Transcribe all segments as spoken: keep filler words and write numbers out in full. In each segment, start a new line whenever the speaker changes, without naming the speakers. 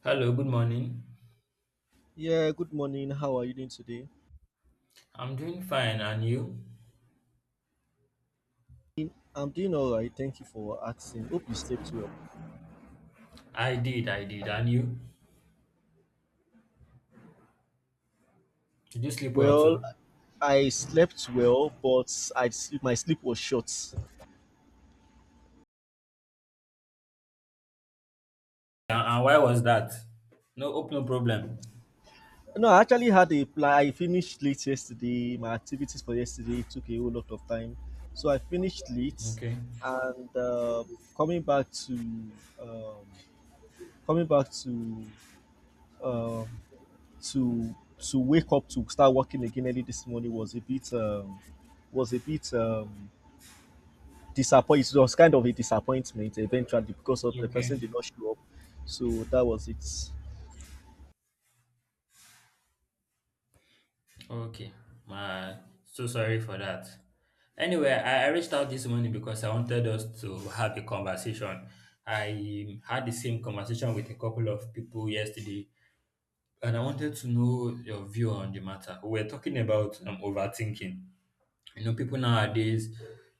Hello, good morning.
Yeah, good morning. How are you doing today?
I'm doing fine, and you?
I'm doing all right. Thank you for asking. Hope you slept well.
I did, I did, and you? Did you sleep well
Well,
too?
I slept well, but I sleep, my sleep was short.
And, and why was that? No, hope no problem.
No, I actually had a plan. I finished late yesterday. My activities for yesterday took a whole lot of time, so I finished late,
Okay,
and um coming back to um, coming back to um, to to wake up to start working again early this morning was a bit um, was a bit um, disappoint it was kind of a disappointment eventually because of the
okay,
person did not show up. So that was it.
okay. My, so sorry for that. Anyway, I, I reached out this morning because I wanted us to have a conversation. I had the same conversation with a couple of people yesterday, and I wanted to know your view on the matter. We were talking about um, overthinking. You know, people nowadays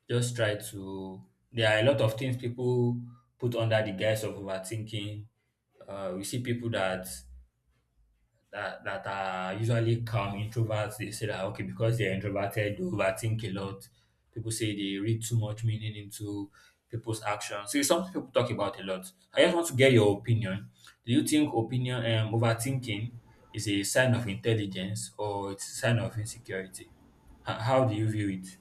just try to, there are a lot of things people put under the guise of overthinking. Uh, we see people that that that are usually calm introverts. They say that okay, because they're introverted, they overthink a lot. People say they read too much meaning into people's actions. So it's something people talk about a lot. I just want to get your opinion. Do you think opinion um, overthinking is a sign of intelligence or it's a sign of insecurity? H- how do you view it?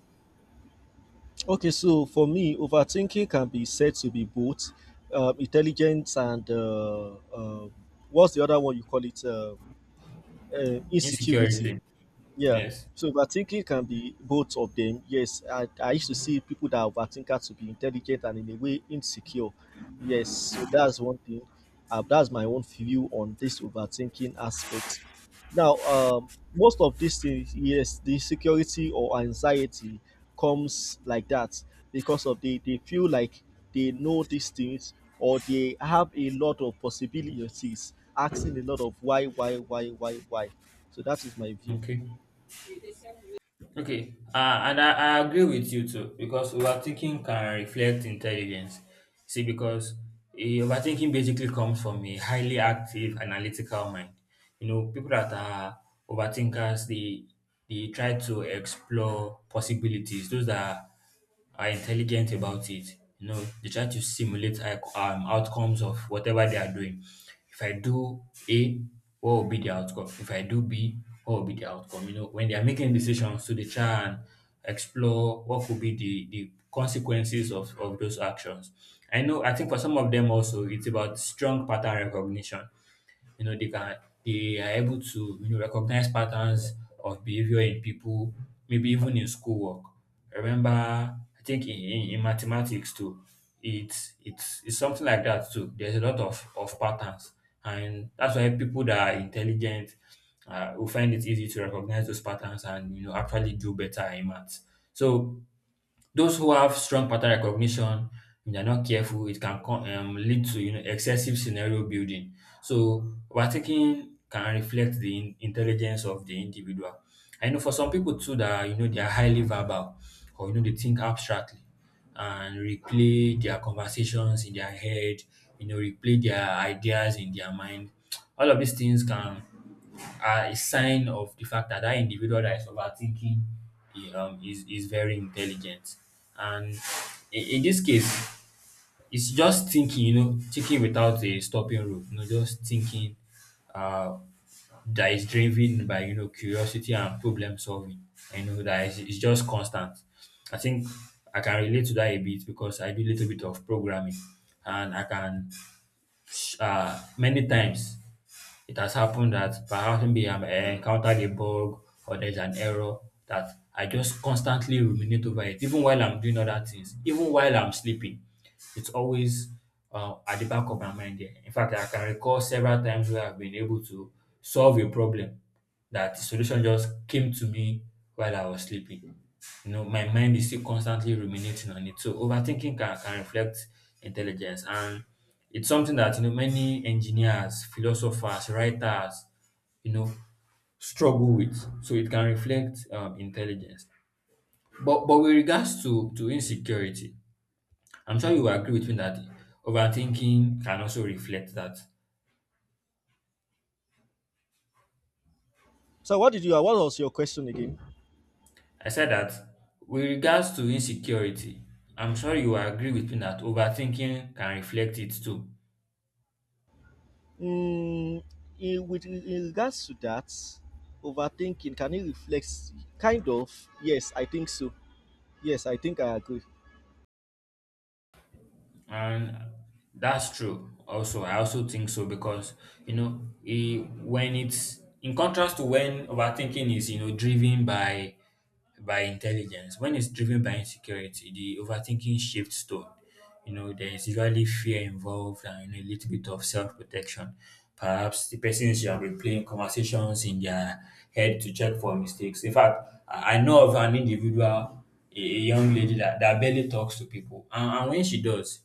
Okay, so for me, overthinking can be said to be both um, intelligence and uh, um what's the other one you call it? Um, uh, insecurity.
Insecurity.
Yeah.
Yes.
So overthinking can be both of them. Yes, I, I used to see people that overthinker to be intelligent and in a way insecure. Yes, so that's one thing. Uh, that's my own view on this overthinking aspect. Now, um, most of these things, yes, the security or anxiety comes like that because of they, they feel like they know these things or they have a lot of possibilities, asking a lot of why, why, why, why, why. So that is my view.
Okay. Okay. Uh, and I, I agree with you too because overthinking can reflect intelligence. See, because eh, overthinking basically comes from a highly active analytical mind. You know, people that are overthinkers, they they try to explore possibilities. Those that are intelligent about it. You know, they try to simulate like, um, outcomes of whatever they are doing. If I do A, what will be the outcome? If I do B, what will be the outcome? You know, when they are making decisions, so they try and explore what could be the, the consequences of, of those actions. I know, I think for some of them also, it's about strong pattern recognition. You know, they can, they are able to, you know, recognize patterns of behavior in people, maybe even in schoolwork. I remember I think in, in, in mathematics too, it's it's it's something like that too. There's a lot of of patterns, and that's why people that are intelligent uh, will find it easy to recognize those patterns and you know actually do better in maths. So those who have strong pattern recognition, if they're not careful, it can co- um, lead to you know excessive scenario building. So overtaking can reflect the in- intelligence of the individual. I know for some people too that you know they are highly verbal or you know they think abstractly and replay their conversations in their head, you know, replay their ideas in their mind. All of these things can are a sign of the fact that that individual that is overthinking eh, um, is, is very intelligent. And in, in this case, it's just thinking, you know, thinking without a stopping rule, you know, just thinking uh, that is driven by, you know, curiosity and problem solving. I know that it's, it's just constant. I think I can relate to that a bit because I do a little bit of programming, and I can, uh, many times it has happened that perhaps maybe I'm, I encountered a bug or there's an error that I just constantly ruminate over it, even while I'm doing other things, even while I'm sleeping. It's always uh, at the back of my mind. There. In fact, I can recall several times where I've been able to solve a problem, that the solution just came to me while I was sleeping. You know, my mind is still constantly ruminating on it. So overthinking can, can reflect intelligence, and it's something that you know many engineers, philosophers, writers, you know, struggle with. So it can reflect um, intelligence. But but with regards to, to insecurity, I'm sure you will agree with me that overthinking can also reflect that.
So, what did you? What was your question again?
I said that with regards to insecurity, I'm sure you will agree with me that overthinking can reflect it too.
Mm, in, with in regards to that, overthinking can it reflect? Kind of. Yes, I think so. Yes, I think I agree.
And that's true. Also, I also think so because you know, eh, when it's in contrast to when overthinking is you know driven by by intelligence. When it's driven by insecurity, the overthinking shifts tone. You know, there is usually fear involved and you know, a little bit of self protection. Perhaps the persons should have been playing conversations in their head to check for mistakes. In fact, I I know of an individual, a a young lady that, that barely talks to people. And, and when she does,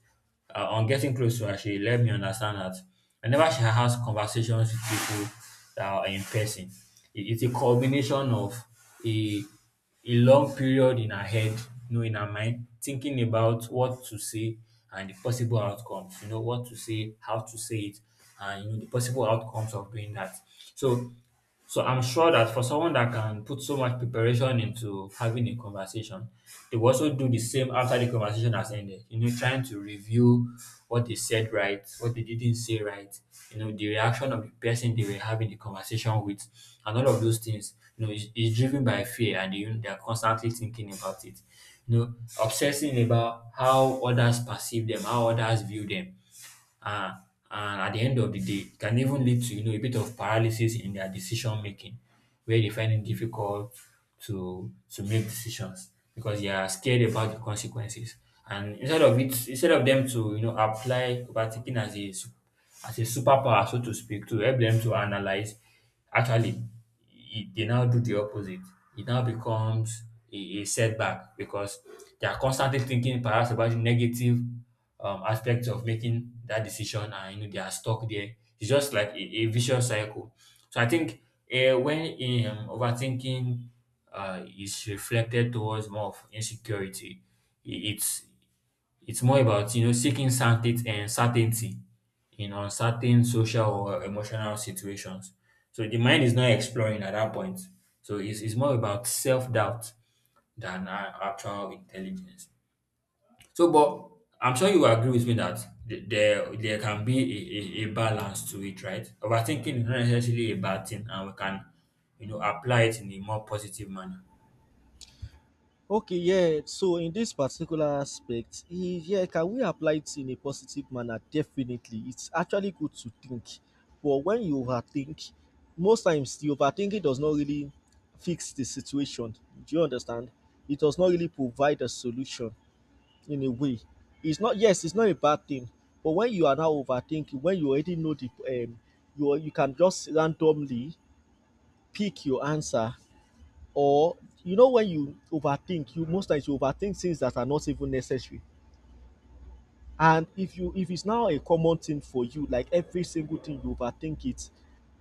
uh, on getting close to her, she let me understand that whenever she has conversations with people that are in person, it, it's a combination of a a long period in her head, you know, in her mind, thinking about what to say and the possible outcomes, you know, what to say, how to say it, and you know, the possible outcomes of doing that. So so I'm sure that for someone that can put so much preparation into having a conversation, they will also do the same after the conversation has ended. You know, trying to review what they said right, what they didn't say right, you know, the reaction of the person they were having the conversation conversation with, and all of those things you know is, is driven by fear, and you, they are constantly thinking about it, you know, obsessing about how others perceive them, how others view them, uh, and at the end of the day it can even lead to you know a bit of paralysis in their decision making, where they find it difficult to to make decisions because they are scared about the consequences. And instead of it instead of them to you know apply overthinking as a su- as a superpower so to speak to help them to analyze. Actually, it, they now do the opposite. It now becomes a, a setback because they are constantly thinking perhaps about the negative um, aspects of making that decision, and you know, they are stuck there. It's just like a, a vicious cycle. So I think uh, when um, overthinking uh, is reflected towards more of insecurity, i- it's it's more about, you know, seeking certainty and certainty in uncertain social or emotional situations. So the mind is not exploring at that point. So it's, it's more about self-doubt than a- actual intelligence. So, but I'm sure you agree with me that th- there there can be a, a, a balance to it, right? Overthinking is not necessarily a bad thing, and we can, you know, apply it in a more positive manner.
Okay, yeah. So in this particular aspect, eh, yeah, can we apply it in a positive manner? Definitely, it's actually good to think, but when you overthink, most times the overthinking does not really fix the situation. Do you understand? It does not really provide a solution in a way. It's not, yes, it's not a bad thing, but when you are now overthinking, when you already know the um, you you can just randomly pick your answer, or you know when you overthink, you most times you overthink things that are not even necessary. And if you if it's now a common thing for you, like every single thing you overthink it,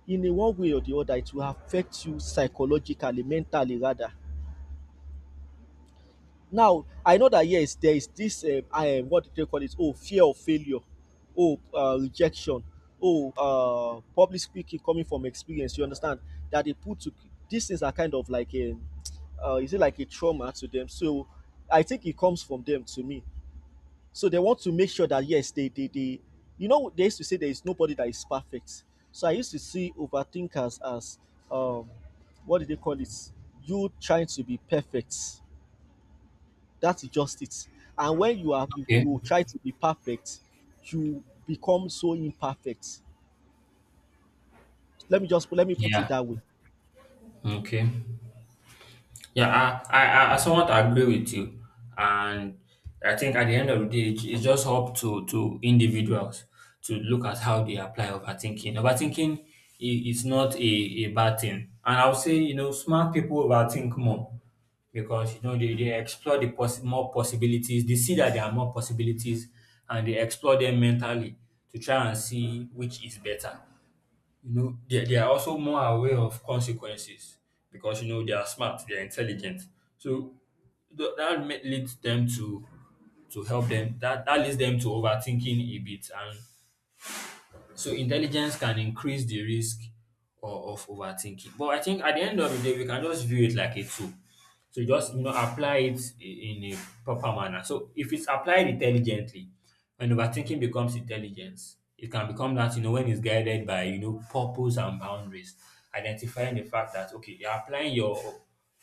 in a one way or the other, it will affect you psychologically, mentally rather. Now, I know that yes, there is this um, I um, what do they call it? Oh, fear of failure, oh, uh, rejection, oh, uh, public speaking coming from experience. You understand that they put to these things are kind of like a, uh, is it like a trauma to them? So, I think it comes from them to me. So they want to make sure that yes, they they they, you know, they used to say there is nobody that is perfect. So I used to see overthinkers as um, what do they call it? You trying to be perfect, that is just it. And when you are you,
Okay.
you try to be perfect, you become so imperfect. Let me just let me put it
Yeah.
that way.
Okay. Yeah, I, I, I somewhat agree with you, and I think at the end of the day, it- it's just up to to individuals to look at how they apply overthinking. Overthinking i- is not a, a bad thing, and I would say you know smart people overthink more because you know they, they explore the possi- more possibilities. They see that there are more possibilities, and they explore them mentally to try and see which is better. You know they, they are also more aware of consequences because you know they are smart, they are intelligent. So th- that ma- leads them to to help them that that leads them to overthinking a bit, and so intelligence can increase the risk of, of overthinking. But I think at the end of the day, we can just view it like a tool. So just you know apply it i- in a proper manner. So if it's applied intelligently, when overthinking becomes intelligence, it can become that you know when it's guided by you know purpose and boundaries, identifying the fact that okay you're applying your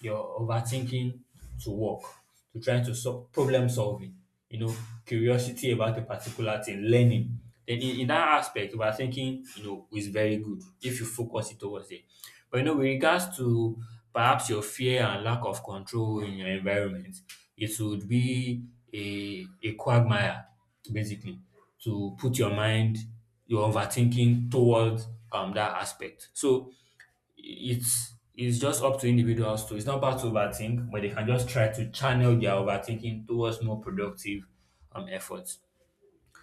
your overthinking to work to try to solve problem solving, you know, curiosity about a particular thing, learning, then in, in that aspect, we are thinking, you know, is very good if you focus it towards it. But you know, with regards to perhaps your fear and lack of control in your environment, it would be a, a quagmire, basically, to put your mind, your overthinking towards um, that aspect. So it's it's just up to individuals to it's not bad to overthink, but they can just try to channel their overthinking towards more productive um efforts.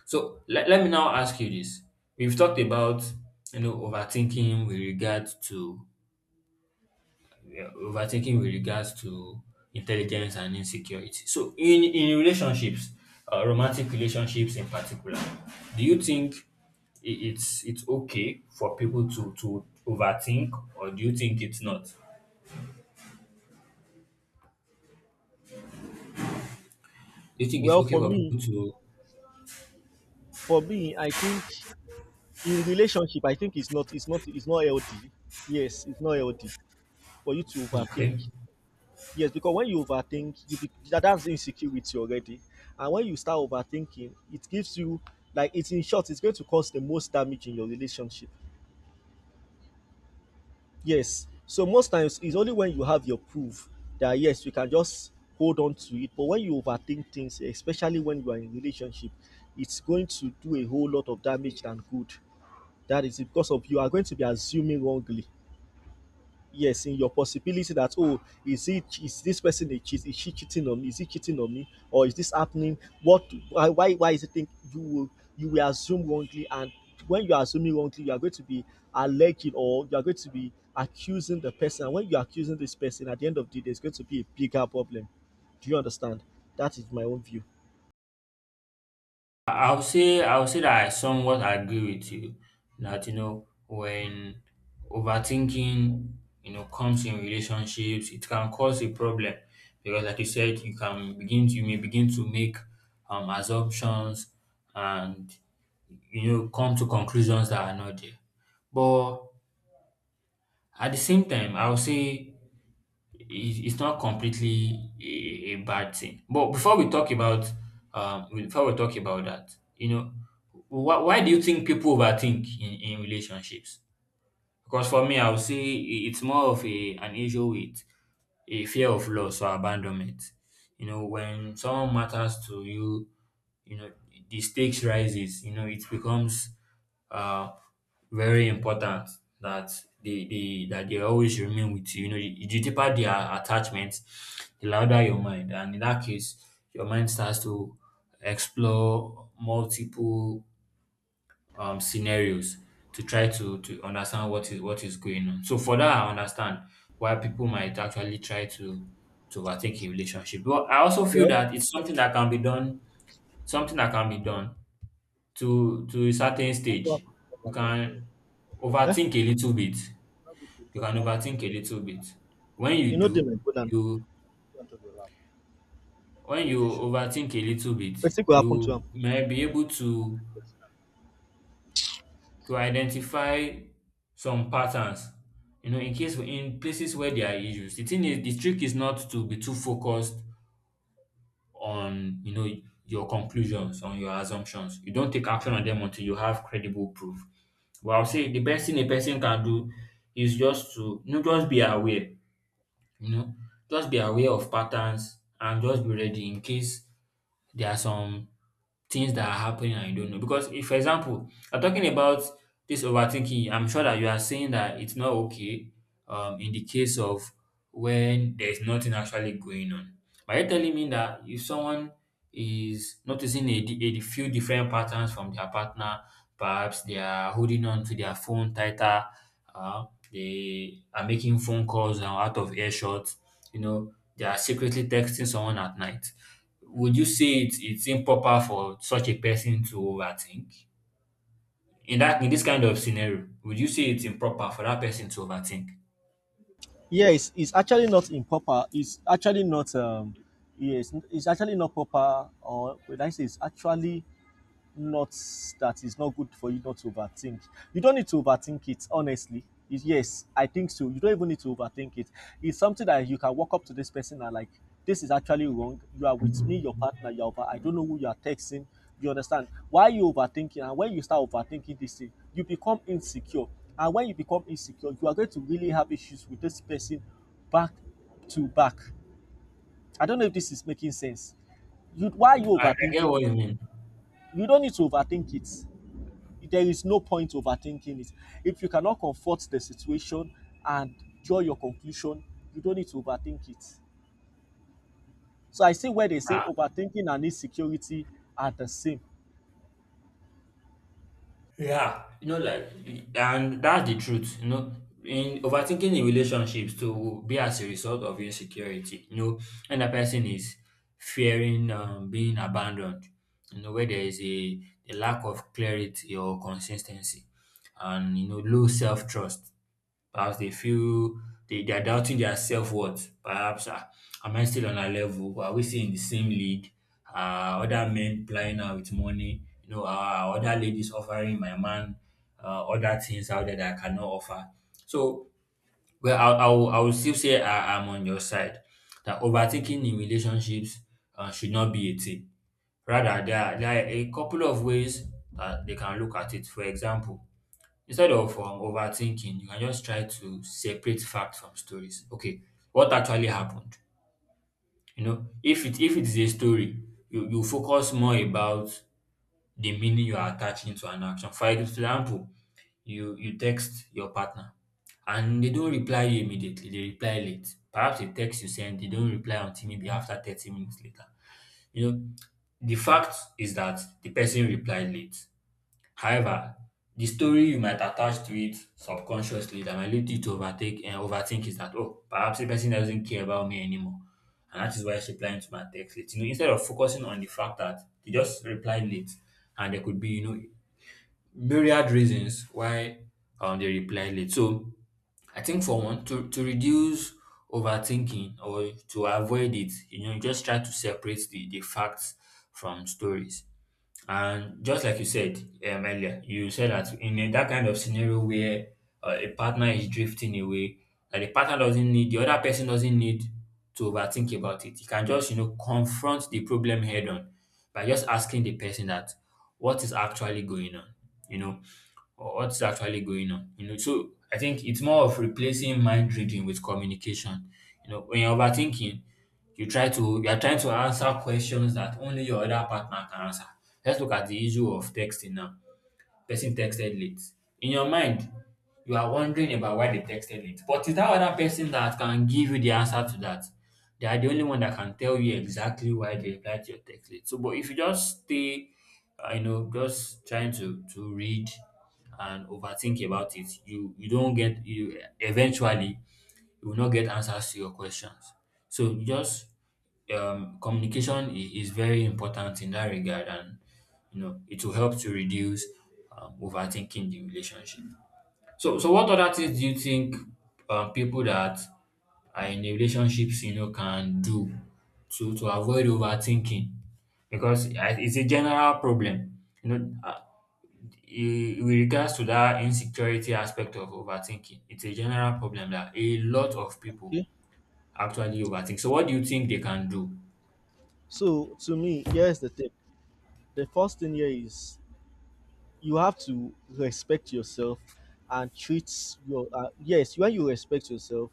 So let, let me now ask you this. We've talked about you know overthinking with regard to yeah, overthinking with regards to intelligence and insecurity. So in in relationships, uh, romantic relationships in particular, do you think i- it's it's okay for people to to overthink, or do you think it's not? Do you think it's
Well,
okay
for
for
me,
people to?
for me, I think in relationship, I think it's not it's not it's not healthy. Yes, it's not healthy for you to
Okay,
overthink. Yes, because when you overthink, you be, that, that's insecurity already. And when you start overthinking, it gives you like, it's in short, it's going to cause the most damage in your relationship. Yes. So most times it's only when you have your proof that yes, you can just hold on to it. But when you overthink things, especially when you are in relationship, it's going to do a whole lot of damage than good. That is it because of you are going to be assuming wrongly. Yes, in your possibility that oh, is it, is this person a cheat? Is she cheating on me? Is he cheating on me? Or is this happening? What, why why, why is it? Think you will, you will assume wrongly, and when you are assuming wrongly, you are going to be alleging, or you are going to be accusing the person. And when you are accusing this person, at the end of the day there's going to be a bigger problem. Do you understand? That is my own view.
I- I'll say I'll say that I somewhat agree with you that you know when overthinking you know comes in relationships, it can cause a problem because, like you said, you can begin to, you may begin to make um assumptions, and you know come to conclusions that are not there. But at the same time, I'll say it- it's not completely a, a bad thing. But before we talk about um, before we talk about that, you know, why, why do you think people overthink in, in relationships? Because for me, I would say i- it's more of a an issue with a fear of loss or abandonment. You know, when someone matters to you, you know, the stakes rises, you know, it becomes uh very important that they, they that they always remain with you. You know, the, the deeper their attachment, the louder your mind. And in that case, your mind starts to explore multiple um, scenarios to try to to understand what is what is going on. So for that, I understand why people might actually try to to overtake a relationship. But I also feel
Well,
that it's something that can be done, something that can be done to to a certain stage. You can
eh?
overthink a little bit. You can overthink a little bit. When you
You know, the
do,
my brother,
you when you overthink a little bit,
wetin go happen to
you
him?
may be able to to identify some patterns you know in case in places where there are issues. The thing is the trick is not to be too focused on you know your conclusions, on your assumptions. You don't take action on them until you have credible proof. But I'll say the best thing a person can do is just to you know just be aware you know just be aware of patterns and just be ready in case there are some things that are happening and you don't know. Because if, for example, you're talking about this overthinking, I'm sure that you are saying that it's not okay um, in the case of when there's nothing actually going on. But you're telling me that if someone is noticing a, di- a few different patterns from their partner, perhaps they are holding on to their phone tighter, uh, they are making phone calls and out of earshot, you know, they are secretly texting someone at night. Would you say it's it's improper for such a person to overthink? In that in this kind of scenario, would you say it's improper for that person to overthink?
Yeah, it's, it's actually not improper. It's actually not um yes it's actually not proper, or when I say it's actually not, that it's not good for you not to overthink. You don't need to overthink it, honestly. Is- Yes, I think so. You don't even need to overthink it. It's something that you can walk up to this person and like, this is actually wrong. You are with me, your partner, you're over. I don't know who you are texting. You understand? Why you overthinking? And when you start overthinking this thing, you become insecure. And when you become insecure, you are going to really have issues with this person back to back. I don't know if this is making sense. You, why are you
I, I get
overthinking
what
it?
you mean.
You don't need to overthink it. There is no point overthinking it. If you cannot comfort the situation and draw your conclusion, you don't need to overthink it. So I see where they say
Ah,
overthinking and insecurity are the same.
yeah, you know, like, and that's the truth. You know, in overthinking in relationships to be as a result of insecurity. You know, and a person is fearing um, being abandoned. You know, where there is a, a lack of clarity or consistency, and you know, low self trust. Perhaps they feel they, they are doubting their self worth. Perhaps, ah, am I still on a level? Are we still in the same league? Are other men plying her with money? You know, are other ladies offering my man, uh, other things out there that I cannot offer? So, well, I, I, will, I will still say I, I'm on your side that overthinking in relationships uh, should not be a thing. Rather, there are, there are a couple of ways that they can look at it. For example, Instead of um, overthinking, you can just try to separate fact from stories. Okay, what actually happened? You know, if it if it is a story, you, you focus more about the meaning you are attaching to an action. For example, you you text your partner and they don't reply you immediately, they reply late. Perhaps a text you send, they don't reply until maybe after thirty minutes later. You know, the fact is that the person replied late. However, the story you might attach to it subconsciously that might lead you to overtake and overthink is that, oh, perhaps the person doesn't care about me anymore. And that is why she replied to my text late. You know, instead of focusing on the fact that they just replied late, and there could be, you know, myriad reasons why um they replied late. So I think for one, to, to reduce overthinking or to avoid it, you know, you just try to separate the, the facts from stories. And just like you said um, earlier, you said that in a, that kind of scenario where uh, a partner is drifting away, that the partner doesn't need, the other person doesn't need to overthink about it. You can just, you know, confront the problem head on by just asking the person that what is actually going on, you know, or what's actually going on, you know. So I think it's more of replacing mind reading with communication. You know, when you're overthinking, you try to you are trying to answer questions that only your other partner can answer. Let's look at the issue of texting now. Person texted late. In your mind, you are wondering about why they texted late. But it's that other person that can give you the answer to that. They are the only one that can tell you exactly why they replied to your text late. So, but if you just stay, uh, you know, just trying to to read and overthink about it, you you don't get you eventually you will not get answers to your questions. So you just um, communication is, is very important in that regard, and you know it will help to reduce um, overthinking the relationship. So, so what other things do you think um, people that are in a relationships you know can do to to avoid overthinking? Because I- it's a general problem, you know. uh, i- With regards to that insecurity aspect of overthinking, it's a general problem that a lot of people
Okay.
actually overthink. So what do you think they can do?
So to me, here's the thing. The first thing here is you have to respect yourself and treat your uh, yes, when you respect yourself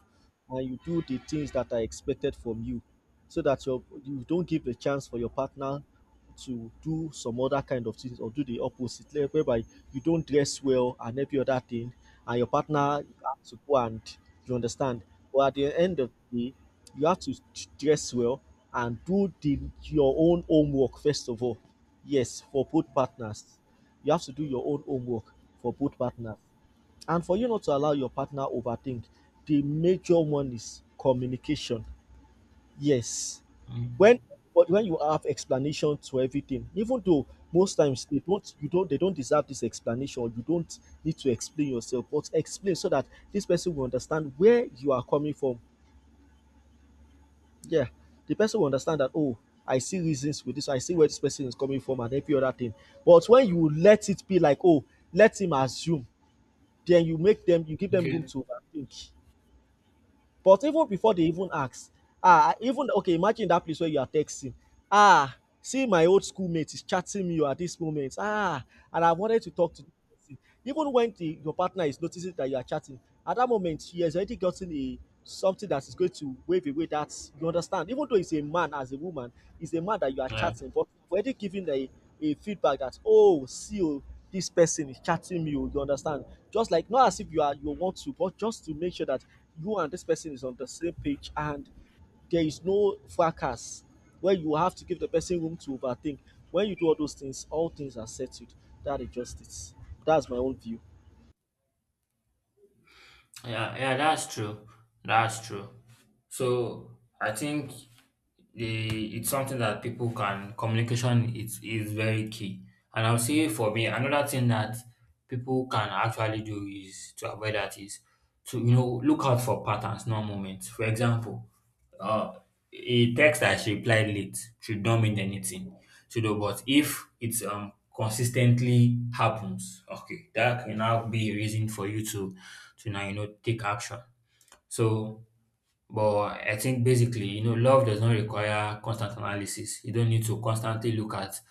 and you do the things that are expected from you, so that your, you don't give the chance for your partner to do some other kind of things or do the opposite, like whereby you don't dress well and every other thing, and your partner has to go, and you understand. But at the end of the day, you have to dress well and do the your own homework first of all. Yes, for both partners, you have to do your own homework for both partners. And for you not to allow your partner overthink, the major one is communication. Yes. When
Mm.
but when you have explanation to everything, even though most times they don't you don't, they don't deserve this explanation or you don't need to explain yourself, but explain so that this person will understand where you are coming from. Yeah. The person will understand that, oh, I see reasons with this, I see where this person is coming from and every other thing. But when you let it be like, oh, let him assume, then you make them, you give them room
Okay.
to overthink. But even before they even ask, ah, even okay, imagine that place where you are texting. Ah, see, my old schoolmate is chatting me at this moment, ah, and I wanted to talk to the person. Even when the your partner is noticing that you are chatting at that moment, she has already gotten a something that is going to wave away, that you understand, even though it's a man, as a woman, it's a man that you are
Yeah.
chatting, but you've already given a a feedback that, oh, see, oh, this person is chatting me, oh, you understand? Just like not as if you are, you want to, but just to make sure that you and this person is on the same page and there is no fracas where you have to give the person room to overthink. When you do all those things, all things are settled. That is just it. That's my own view.
Yeah, yeah, that's true. That's true. So I think the it's something that people can communication is is very key. And I'll say for me, another thing that people can actually do is to avoid that is to you know look out for patterns, not moments. For example, Uh, a text that she replied late should not mean anything. So, though, but if it's um consistently happens, okay, that can now be a reason for you to to now you know take action. So, but I think basically, you know, love does not require constant analysis. You don't need to constantly look at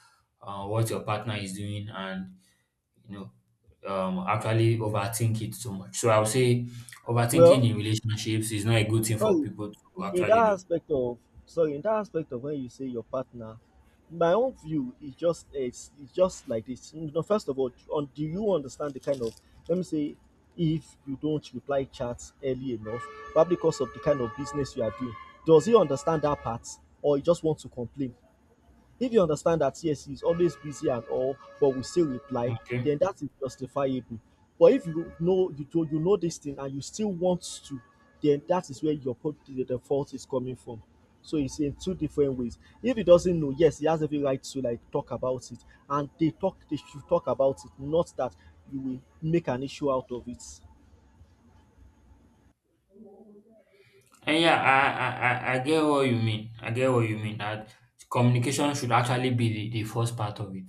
uh, what your partner is doing and you know um actually overthink it too much. So I would say overthinking
Well,
in relationships is not a good thing for
sorry.
people to
In that
actually do.
aspect of Sorry, in that aspect of when you say your partner, my own view is just, it's, it's just like this. You know, first of all, on, do you understand the kind of, let me say, if you don't reply chats early enough, probably because of the kind of business you are doing, does he understand that part, or he just wants to complain? If you understand that yes, he's always busy and all, but will still reply,
Okay.
then that is justifiable. But if you know you do, you know this thing and you still want to, then that is where your pro- the, the fault is coming from. So it's in two different ways. If he doesn't know, yes, he has every right to like talk about it, and they talk they should talk about it, not that you will make an issue out of it.
And yeah, I, I I I get what you mean. I get what you mean. That communication should actually be the, the first part of it.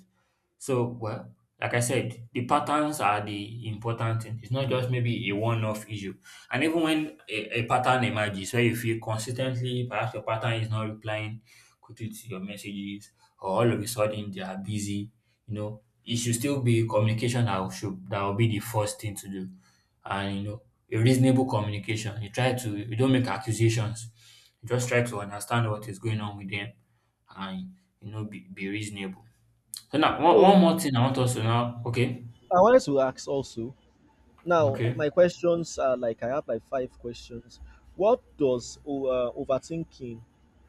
So, well, like I said, the patterns are the important thing. It's not just maybe a one off issue. And even when a, a pattern emerges where you feel consistently, perhaps your pattern is not replying quickly to your messages, or all of a sudden they are busy, you know, it should still be communication that will, should, that will be the first thing to do. And, you know, a reasonable communication. You try to, you don't make accusations, you just try to understand what is going on with them and, you know, be, be reasonable. So now one one
So
more thing I want us to now, okay.
I wanted to ask also, now,
Okay,
my questions are like, I have like five questions. What does o- uh, overthinking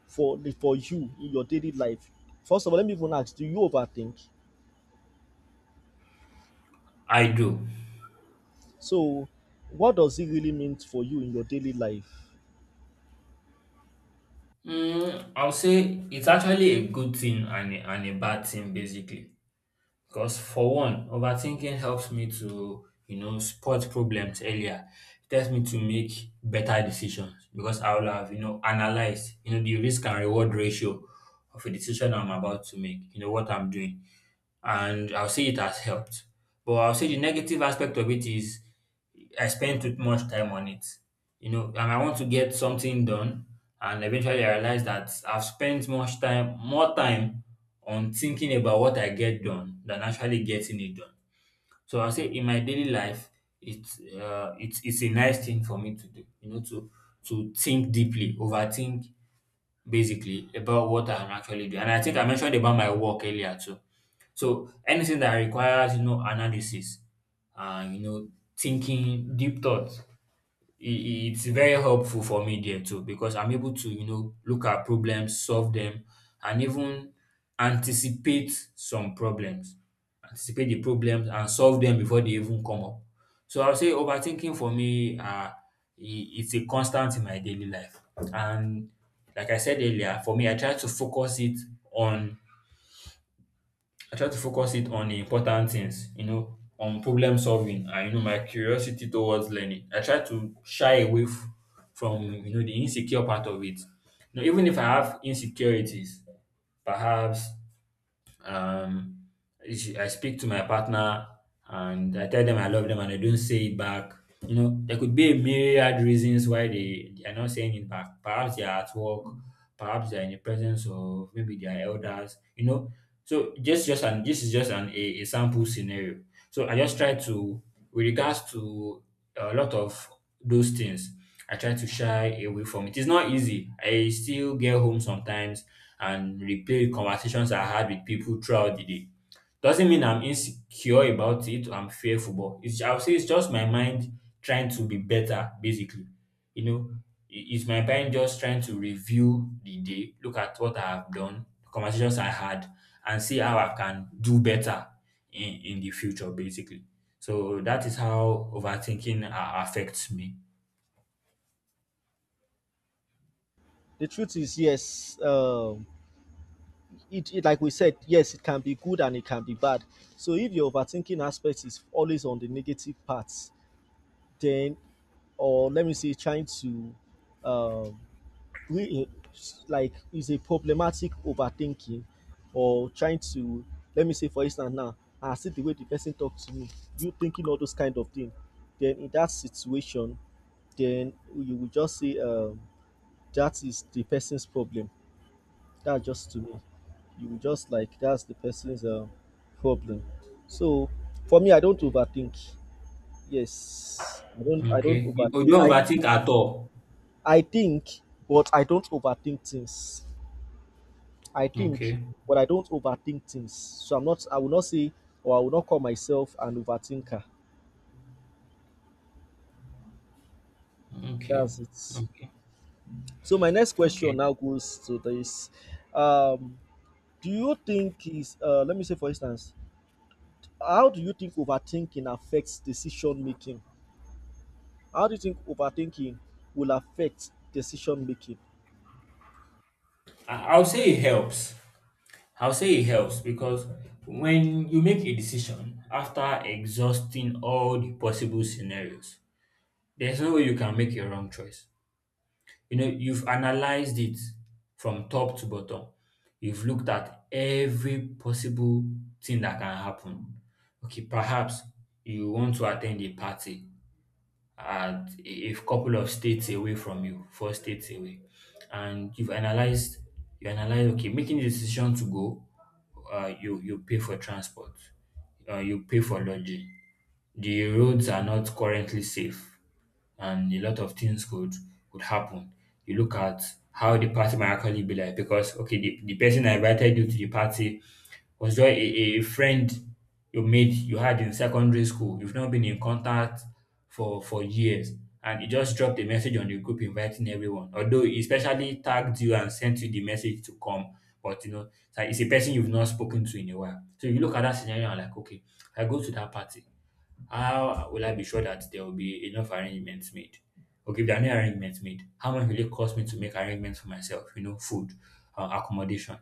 for for you in your daily life? First of all, let me even ask: do you overthink?
I do.
So, what does it really mean for you in your daily life?
Mm, I'll say it's actually a good thing and a, and a bad thing basically. Because for one, overthinking helps me to, you know, spot problems earlier. It helps me to make better decisions because I will have, you know, analyzed, you know, the risk and reward ratio of a decision I'm about to make, you know, what I'm doing. And I'll say it has helped. But I'll say the negative aspect of it is I spent too much time on it, you know, and I want to get something done. And eventually, I realized that I've spent much time, more time on thinking about what I get done than actually getting it done. So I say in my daily life, it's uh, it's it's a nice thing for me to do, you know, to to think deeply, overthink basically about what I can actually do. And I think I mentioned about my work earlier too. So anything that requires, you know, analysis and you know, thinking, deep thoughts. I- i- it's very helpful for me there too because I'm able to, you know, look at problems, solve them, and even anticipate some problems, anticipate the problems and solve them before they even come up. So I'll say overthinking for me, uh, i- it's a constant in my daily life. And like I said earlier, for me, I try to focus it on I try to focus it on the important things, you know, on problem solving and you know my curiosity towards learning. I try to shy away f- from you know the insecure part of it. You know, even if I have insecurities, perhaps um, I speak to my partner and I tell them I love them and they don't say it back. You know, there could be a myriad reasons why they, they are not saying it back. Perhaps they are at work, perhaps they are in the presence of maybe their elders, you know. So just just an this is just an a, a sample scenario. So I just try to, with regards to a lot of those things. I try to shy away from it. It's not easy. I still get home sometimes and replay conversations I had with people throughout the day. Doesn't mean I'm insecure about it or I'm fearful, but it's, I'll say it's just my mind trying to be better, basically. You know, i- it's my mind just trying to review the day, look at what I have done, the conversations I had, and see how I can do better in, in the future, basically. So that is how overthinking uh, affects me.
The truth is, yes. Um, it, it, like we said, yes, it can be good and it can be bad. So, if your overthinking aspect is always on the negative parts, then or let me say, trying to um, re like is a problematic overthinking or trying to let me say for instance now I see the way the person talk to me you thinking all those kind of thing then in that situation then you will just say um that is the person's problem, that's just to me. You will just like that's the person's um problem. So for me, I don't overthink. Yes, I don't I don't
Okay. You you
overthink.
don't
I
overthink at all?
I think, but I don't overthink things. I think,
Okay.
but I don't overthink things. So I'm not, I will not say, or I will not call myself an overthinker.
Okay.
That's it.
Okay.
So my next question
Okay.
now goes to this. Um, do you think is, uh, let me say for instance, how do you think overthinking affects decision making? How do you think overthinking will affect decision making?
I I would say it helps. I will say it helps because when you make a decision after exhausting all the possible scenarios, there's no way you can make a wrong choice. You know, you've analyzed it from top to bottom. You've looked at every possible thing that can happen. Okay, perhaps you want to attend a party at a a couple of states away from you, four states away. And you've analyzed, you analyze, okay, making the decision to go, uh, you, you pay for transport, uh, you pay for lodging. The roads are not currently safe and a lot of things could could happen. You look at how the party might actually be like because okay, the, the person that invited you to the party was just a, a friend you made you had in secondary school. You've not been in contact for for years. And he just dropped a message on the group inviting everyone. Although he specially tagged you and sent you the message to come. But you know, it's like it's a person you've not spoken to in a while. So you look at that scenario and like, okay, I go to that party. How will I be sure that there will be enough arrangements made? Okay, if there are no arrangements made, how much will it cost me to make arrangements for myself? You know, food, uh, accommodation.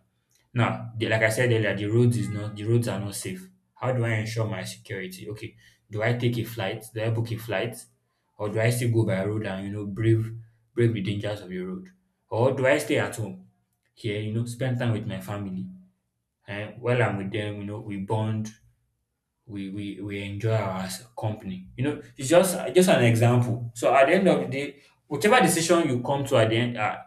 Now, the, like I said earlier, the roads is not the roads are not safe. How do I ensure my security? Okay, do I take a flight? Do I book a flight, or do I still go by road and you know brave brave the dangers of the road, or do I stay at home here? You know, spend time with my family, and while I'm with them, you know, we bond, we we, we enjoy our s- company. You know, it's just just an example. So at the end of the day, whichever decision you come to at the end, uh,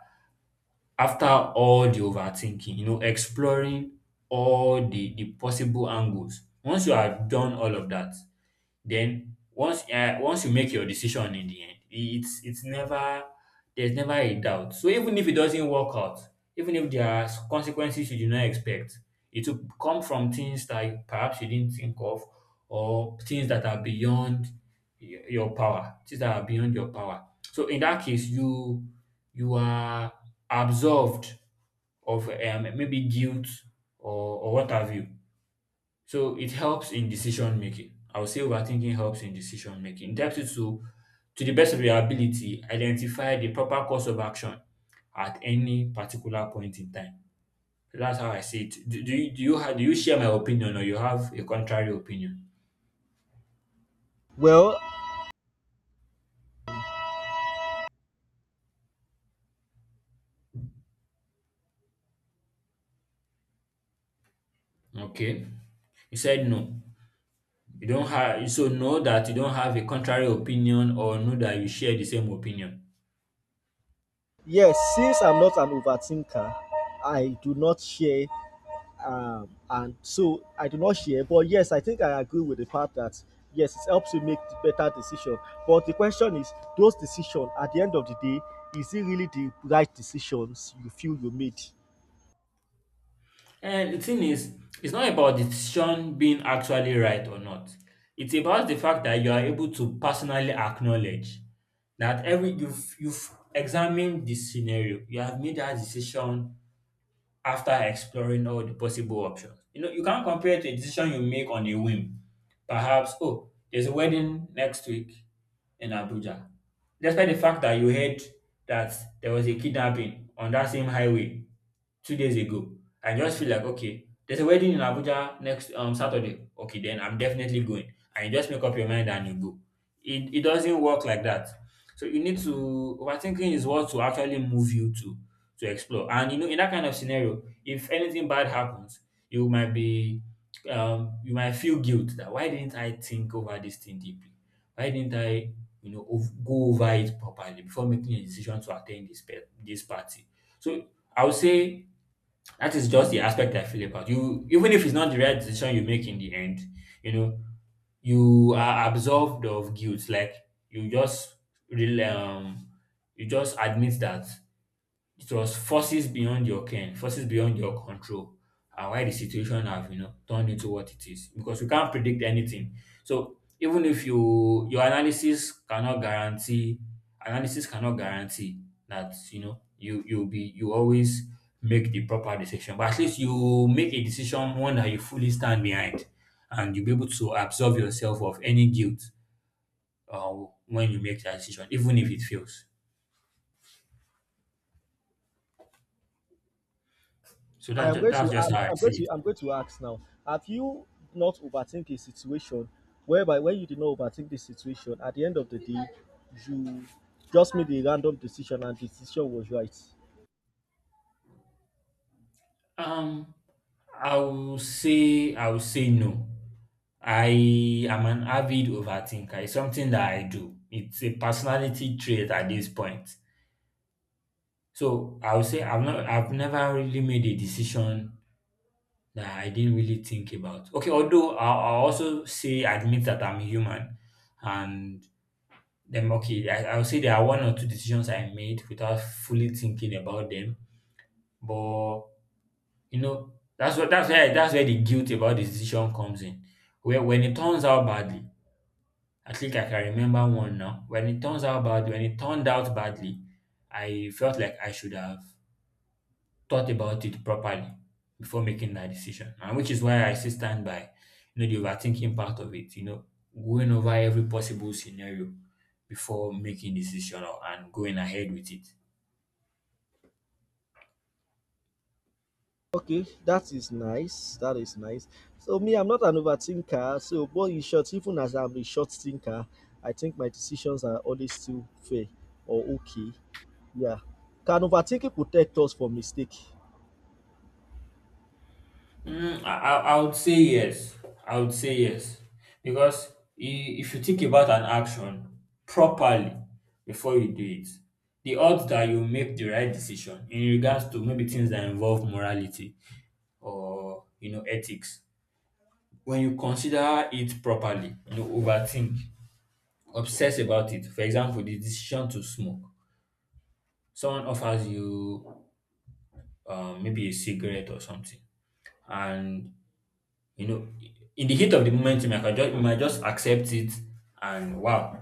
after all the overthinking, you know, exploring all the the possible angles. Once you have done all of that, then once uh, once you make your decision in the end, it's it's never there's never a doubt. So even if it doesn't work out, even if there are consequences you do not expect, it will come from things that perhaps you didn't think of, or things that are beyond y- your power, things that are beyond your power. So in that case, you you are absolved of um, maybe guilt, or, or what have you. So it helps in decision making. I would say overthinking helps in decision making. It helps you to, to the best of your ability, identify the proper course of action at any particular point in time. That's how I see it. Do, do you do you have do you share my opinion or you have a contrary opinion?
Well,
Okay. You said no. You don't have, so know that you don't have a contrary opinion or know that you share the same opinion.
yes, since I'm not an overthinker, I do not share um, and so I do not share. But yes, I think I agree with the fact that yes, it helps you make better decision. But the question is, those decisions at the end of the day, is it really the right decisions you feel you made?
And the thing is, it's not about the decision being actually right or not. It's about the fact that you are able to personally acknowledge that every you've you've examined the scenario, you have made that decision after exploring all the possible options. You know, you can't compare it to a decision you make on a whim. Perhaps, oh, there's a wedding next week in Abuja. Despite the fact that you heard that there was a kidnapping on that same highway two days ago, I just feel like, okay, there's a wedding in Abuja next um, Saturday. Okay, then I'm definitely going. And you just make up your mind and you go. It, it doesn't work like that. So you need to, overthinking is what to actually move you to to explore. And you know, in that kind of scenario, if anything bad happens, you might be, um you might feel guilt that, why didn't I think over this thing deeply? Why didn't I, you know, ov- go over it properly before making a decision to attend this pe- this party? So I would say that is just the aspect I feel about, you. Even if it's not the right decision you make in the end, you know, you are absolved of guilt. Like you just really, um, you just admit that it was forces beyond your ken, forces beyond your control, and why the situation have, you know, turned into what it is. Because we can't predict anything. So even if you your analysis cannot guarantee, analysis cannot guarantee that, you know, you you'll be you always make the proper decision. But at least you make a decision, one that you fully stand behind, and you'll be able to absolve yourself of any guilt uh, when you make that decision, even if it fails. So
I
that's
am
just,
going
that's
to
just
I'm,
how I
I'm going
see
to
it.
I'm going to ask now. Have you not overthink a situation whereby when you did not overthink the situation, at the end of the day, you just made a random decision and the decision was right?
Um, I will say I will say no. I am an avid overthinker. It's something that I do. It's a personality trait at this point. So I would say I've not I've never really made a decision that I didn't really think about. Okay, although I'll, I'll also say, admit that I'm human, and then okay, I, I'll say there are one or two decisions I made without fully thinking about them, but you know, that's what that's where that's where the guilt about the decision comes in. Where when it turns out badly, I think I can remember one now. When it turns out bad, when it turned out badly, I felt like I should have thought about it properly before making that decision. And which is why I still stand by, you know, the overthinking part of it, you know, going over every possible scenario before making decision, or- and going ahead with it.
Okay, that is nice. That is nice. So me, I'm not an overthinker. So, but in short, even as I'm a short thinker, I think my decisions are always still fair or okay. Yeah. Can overthinking protect us from mistake?
Mm, I, I I would say yes. I would say yes. Because i- if you think about an action properly before you do it, the odds that you make the right decision in regards to maybe things that involve morality or, you know, ethics, when you consider it properly, you know, overthink, obsess about it. For example, the decision to smoke. Someone offers you um, maybe a cigarette or something, and you know, in the heat of the moment, you might just, you might just accept it and wow,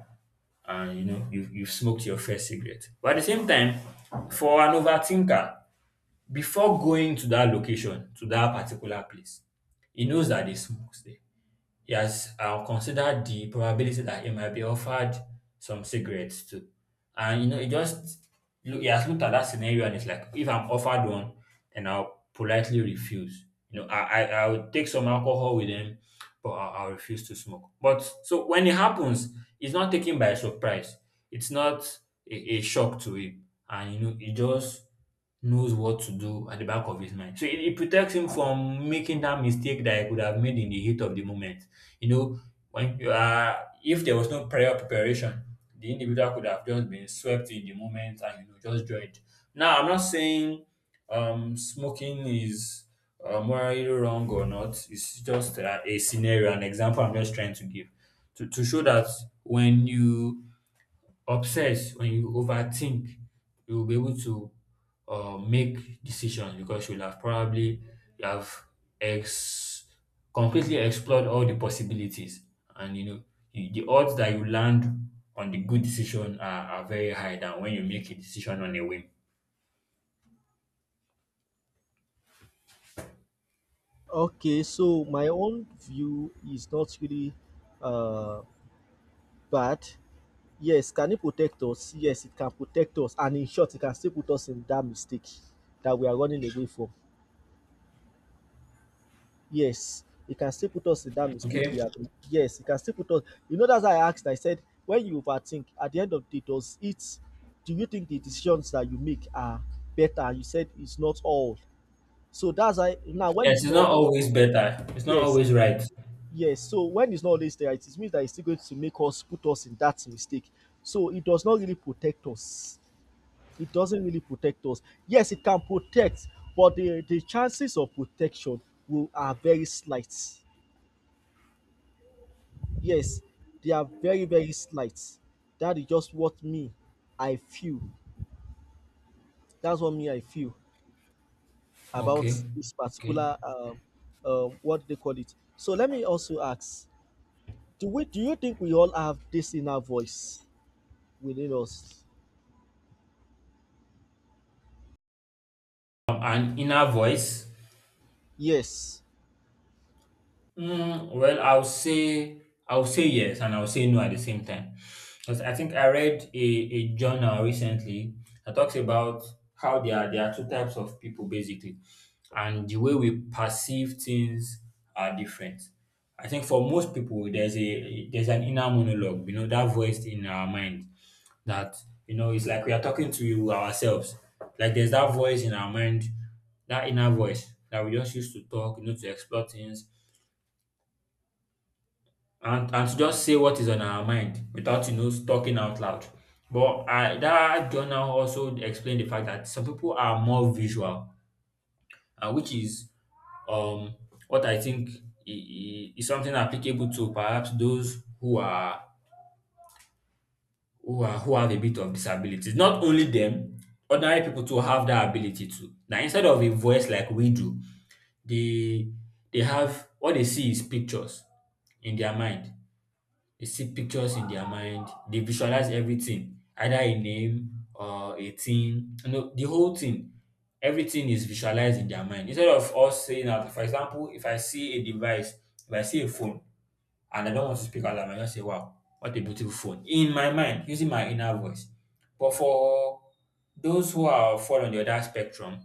and you know, you've, you've smoked your first cigarette. But at the same time, for an overthinker, before going to that location, to that particular place, he knows that they smoke there. Yes, I'll consider the probability that he might be offered some cigarettes too. And you know, it just, look, he has looked at that scenario and it's like if I'm offered one, then I'll politely refuse. You know, I I, I would take some alcohol with him, but I, I'll refuse to smoke. But so when it happens, it's not taken by surprise. It's not a, a shock to him, and you know, he just knows what to do at the back of his mind. So it, it protects him from making that mistake that he could have made in the heat of the moment. You know, when you are, if there was no prior preparation, the individual could have just been swept in the moment and, you know, just joined. Now, I'm not saying um smoking is uh, morally wrong or not. It's just a, a scenario, an example I'm just trying to give to, to show that when you obsess when you overthink you'll be able to uh, make decisions because you'll have probably you have ex completely explored all the possibilities, and you know, you, the odds that you land on the good decision are, are very high than when you make a decision on a whim.
Okay, so my own view is not really uh bad. Yes, can it protect us? Yes, it can protect us, and in short, it can still put us in that mistake that we are running away from. Yes, it can still put us in that mistake we
Okay.
have. Yes, it can still put us, you know that's why I asked, I said, "When you overthink, at the end of the day, does it do you think the decisions that you make are better?" You said, "It's not all." So that's why now when
Yes,
it's
it's
not
not
all
always better, it's not
yes,
always right.
yes. So when it's not always there, it means that it's still going to make us put us in that mistake. So it does not really protect us. It doesn't really protect us. Yes, it can protect, but the the chances of protection will are very slight. Yes, they are very, very slight. That is just what me I feel. That's what me I feel about
Okay.
this
Okay.
particular um, um, what they call it. So let me also ask: Do we? Do you think we all have this inner voice within us?
Um, an inner voice.
Yes,
Mm, well, I'll say I'll say yes and I'll say no at the same time. Because I think I read a, a journal recently that talks about how there are there are two types of people basically, and the way we perceive things are different. I think for most people there's a there's an inner monologue, you know, that voice in our mind that, you know, it's like we are talking to ourselves. Like there's that voice in our mind, that inner voice that we just used to talk, you know, to explore things and and to just say what is on our mind without, you know talking out loud. But I, that journal also explained the fact that some people are more visual, uh, which is um what I think i- i- is something applicable to perhaps those who are who are who have a bit of disabilities. Not only them, ordinary people too have that ability too. Now instead of a voice like we do, they they have what they see is pictures in their mind. They see pictures in their mind. They visualize everything, either a name or a thing. You know, the whole thing. Everything is visualized in their mind. Instead of us saying out, for example, if I see a device, if I see a phone, and I don't want to speak out loud. I just say, wow, what a beautiful phone. In my mind, using my inner voice. But for those who are fall on the other spectrum,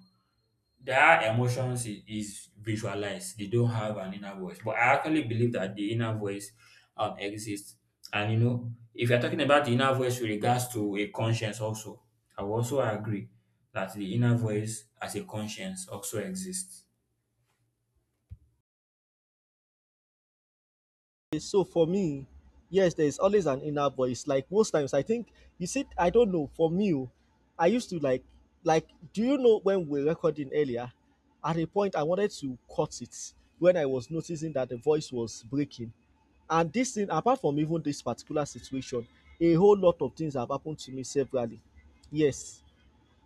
their emotions is, is visualized. They don't have an inner voice. But I actually believe that the inner voice um, exists. And you know, if you're talking about the inner voice with regards to a conscience, also, I will also agree that the inner voice as a conscience also exists.
so for me, yes, there is always an inner voice. Like most times, I think you said I don't know. For me, oh, I used to like, like, do you know when we were recording earlier? At a point, I wanted to cut it when I was noticing that the voice was breaking. And this thing, apart from even this particular situation, a whole lot of things have happened to me severally. Yes,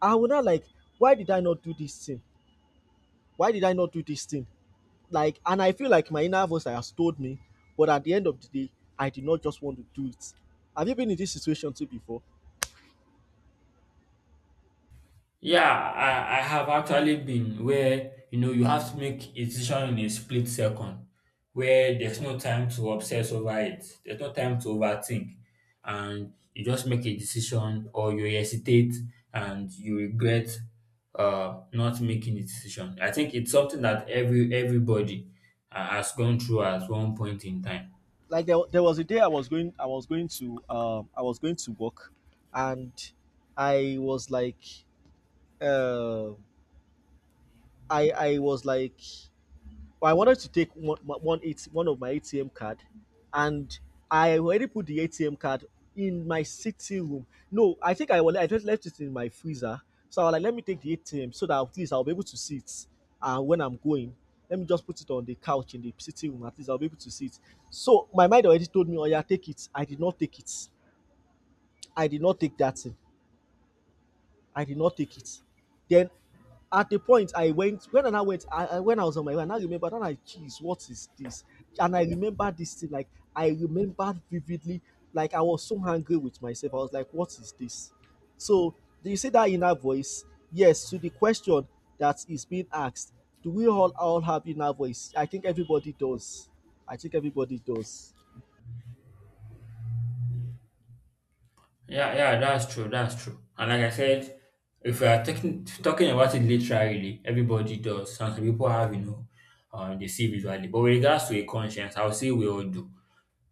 I will not like, why did I not do this thing? Why did I not do this thing? Like, and I feel like my inner voice has told me, but at the end of the day I did not just want to do it. Have you been in this situation too before?
Yeah, I, I have actually been where you know you have to make a decision in a split second where there's no time to obsess over it, there's no time to overthink, and you just make a decision or you hesitate and you regret uh not making a decision. I think it's something that every everybody uh, has gone through at one point in time.
Like there, wa- there was a day I was going I was going to um I was going to work. And I was like, uh i i was like, I wanted to take one, one, A T one of my A T M card, and I already put the A T M card in my sitting room. No, I think I will, I just left it in my freezer. So I was like, let me take the A T M so that at least I'll be able to see it. And uh, when I'm going, let me just put it on the couch in the sitting room. At least I'll be able to see it. So my mind already told me, oh yeah, take it. I did not take it. I did not take that thing. I did not take it. Then at the point I went, when I went, I, I- when I was on my way, and I remember, and I, geez, what is this? And I remember this thing, like, I remember vividly, like, I was so angry with myself. I was like, what is this? So, do you see that inner voice? Yes, to the question that is being asked, do we all, all have inner voice? I think everybody does. I think everybody does.
Yeah, yeah, that's true. That's true. And like I said, if we are taking, talking about it literally, everybody does. Some people have, you know, um, they see visually. But with regards to a conscience, I would say we all do.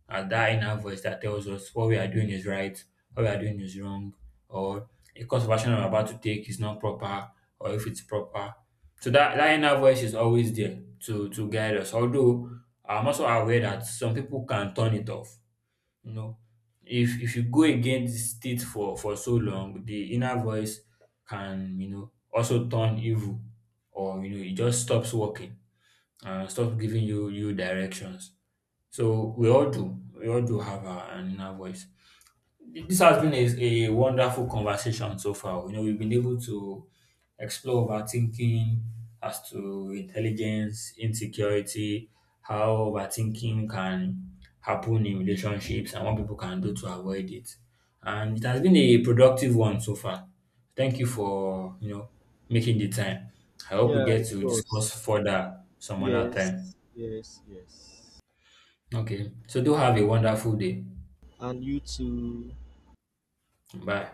And that inner voice that tells us what we are doing is right, what we are doing is wrong, or a course of action I'm about to take is not proper, or if it's proper. So that, that inner voice is always there to, to guide us. Although I'm also aware that some people can turn it off, you know, if if you go against it for for so long, the inner voice can, you know, also turn evil, or you know it just stops working and stops giving you you directions. So we all do, we all do have our an inner voice. This has been a, a wonderful conversation so far. You know, we've been able to explore overthinking as to intelligence, insecurity, how overthinking can happen in relationships, and what people can do to avoid it. And it has been a productive one so far. Thank you for, you know, making the time. I hope we
Yeah,
get
it
to
was.
discuss further some other time.
Yes, yes, yes.
Okay. So do have a wonderful day.
And you too.
Bye.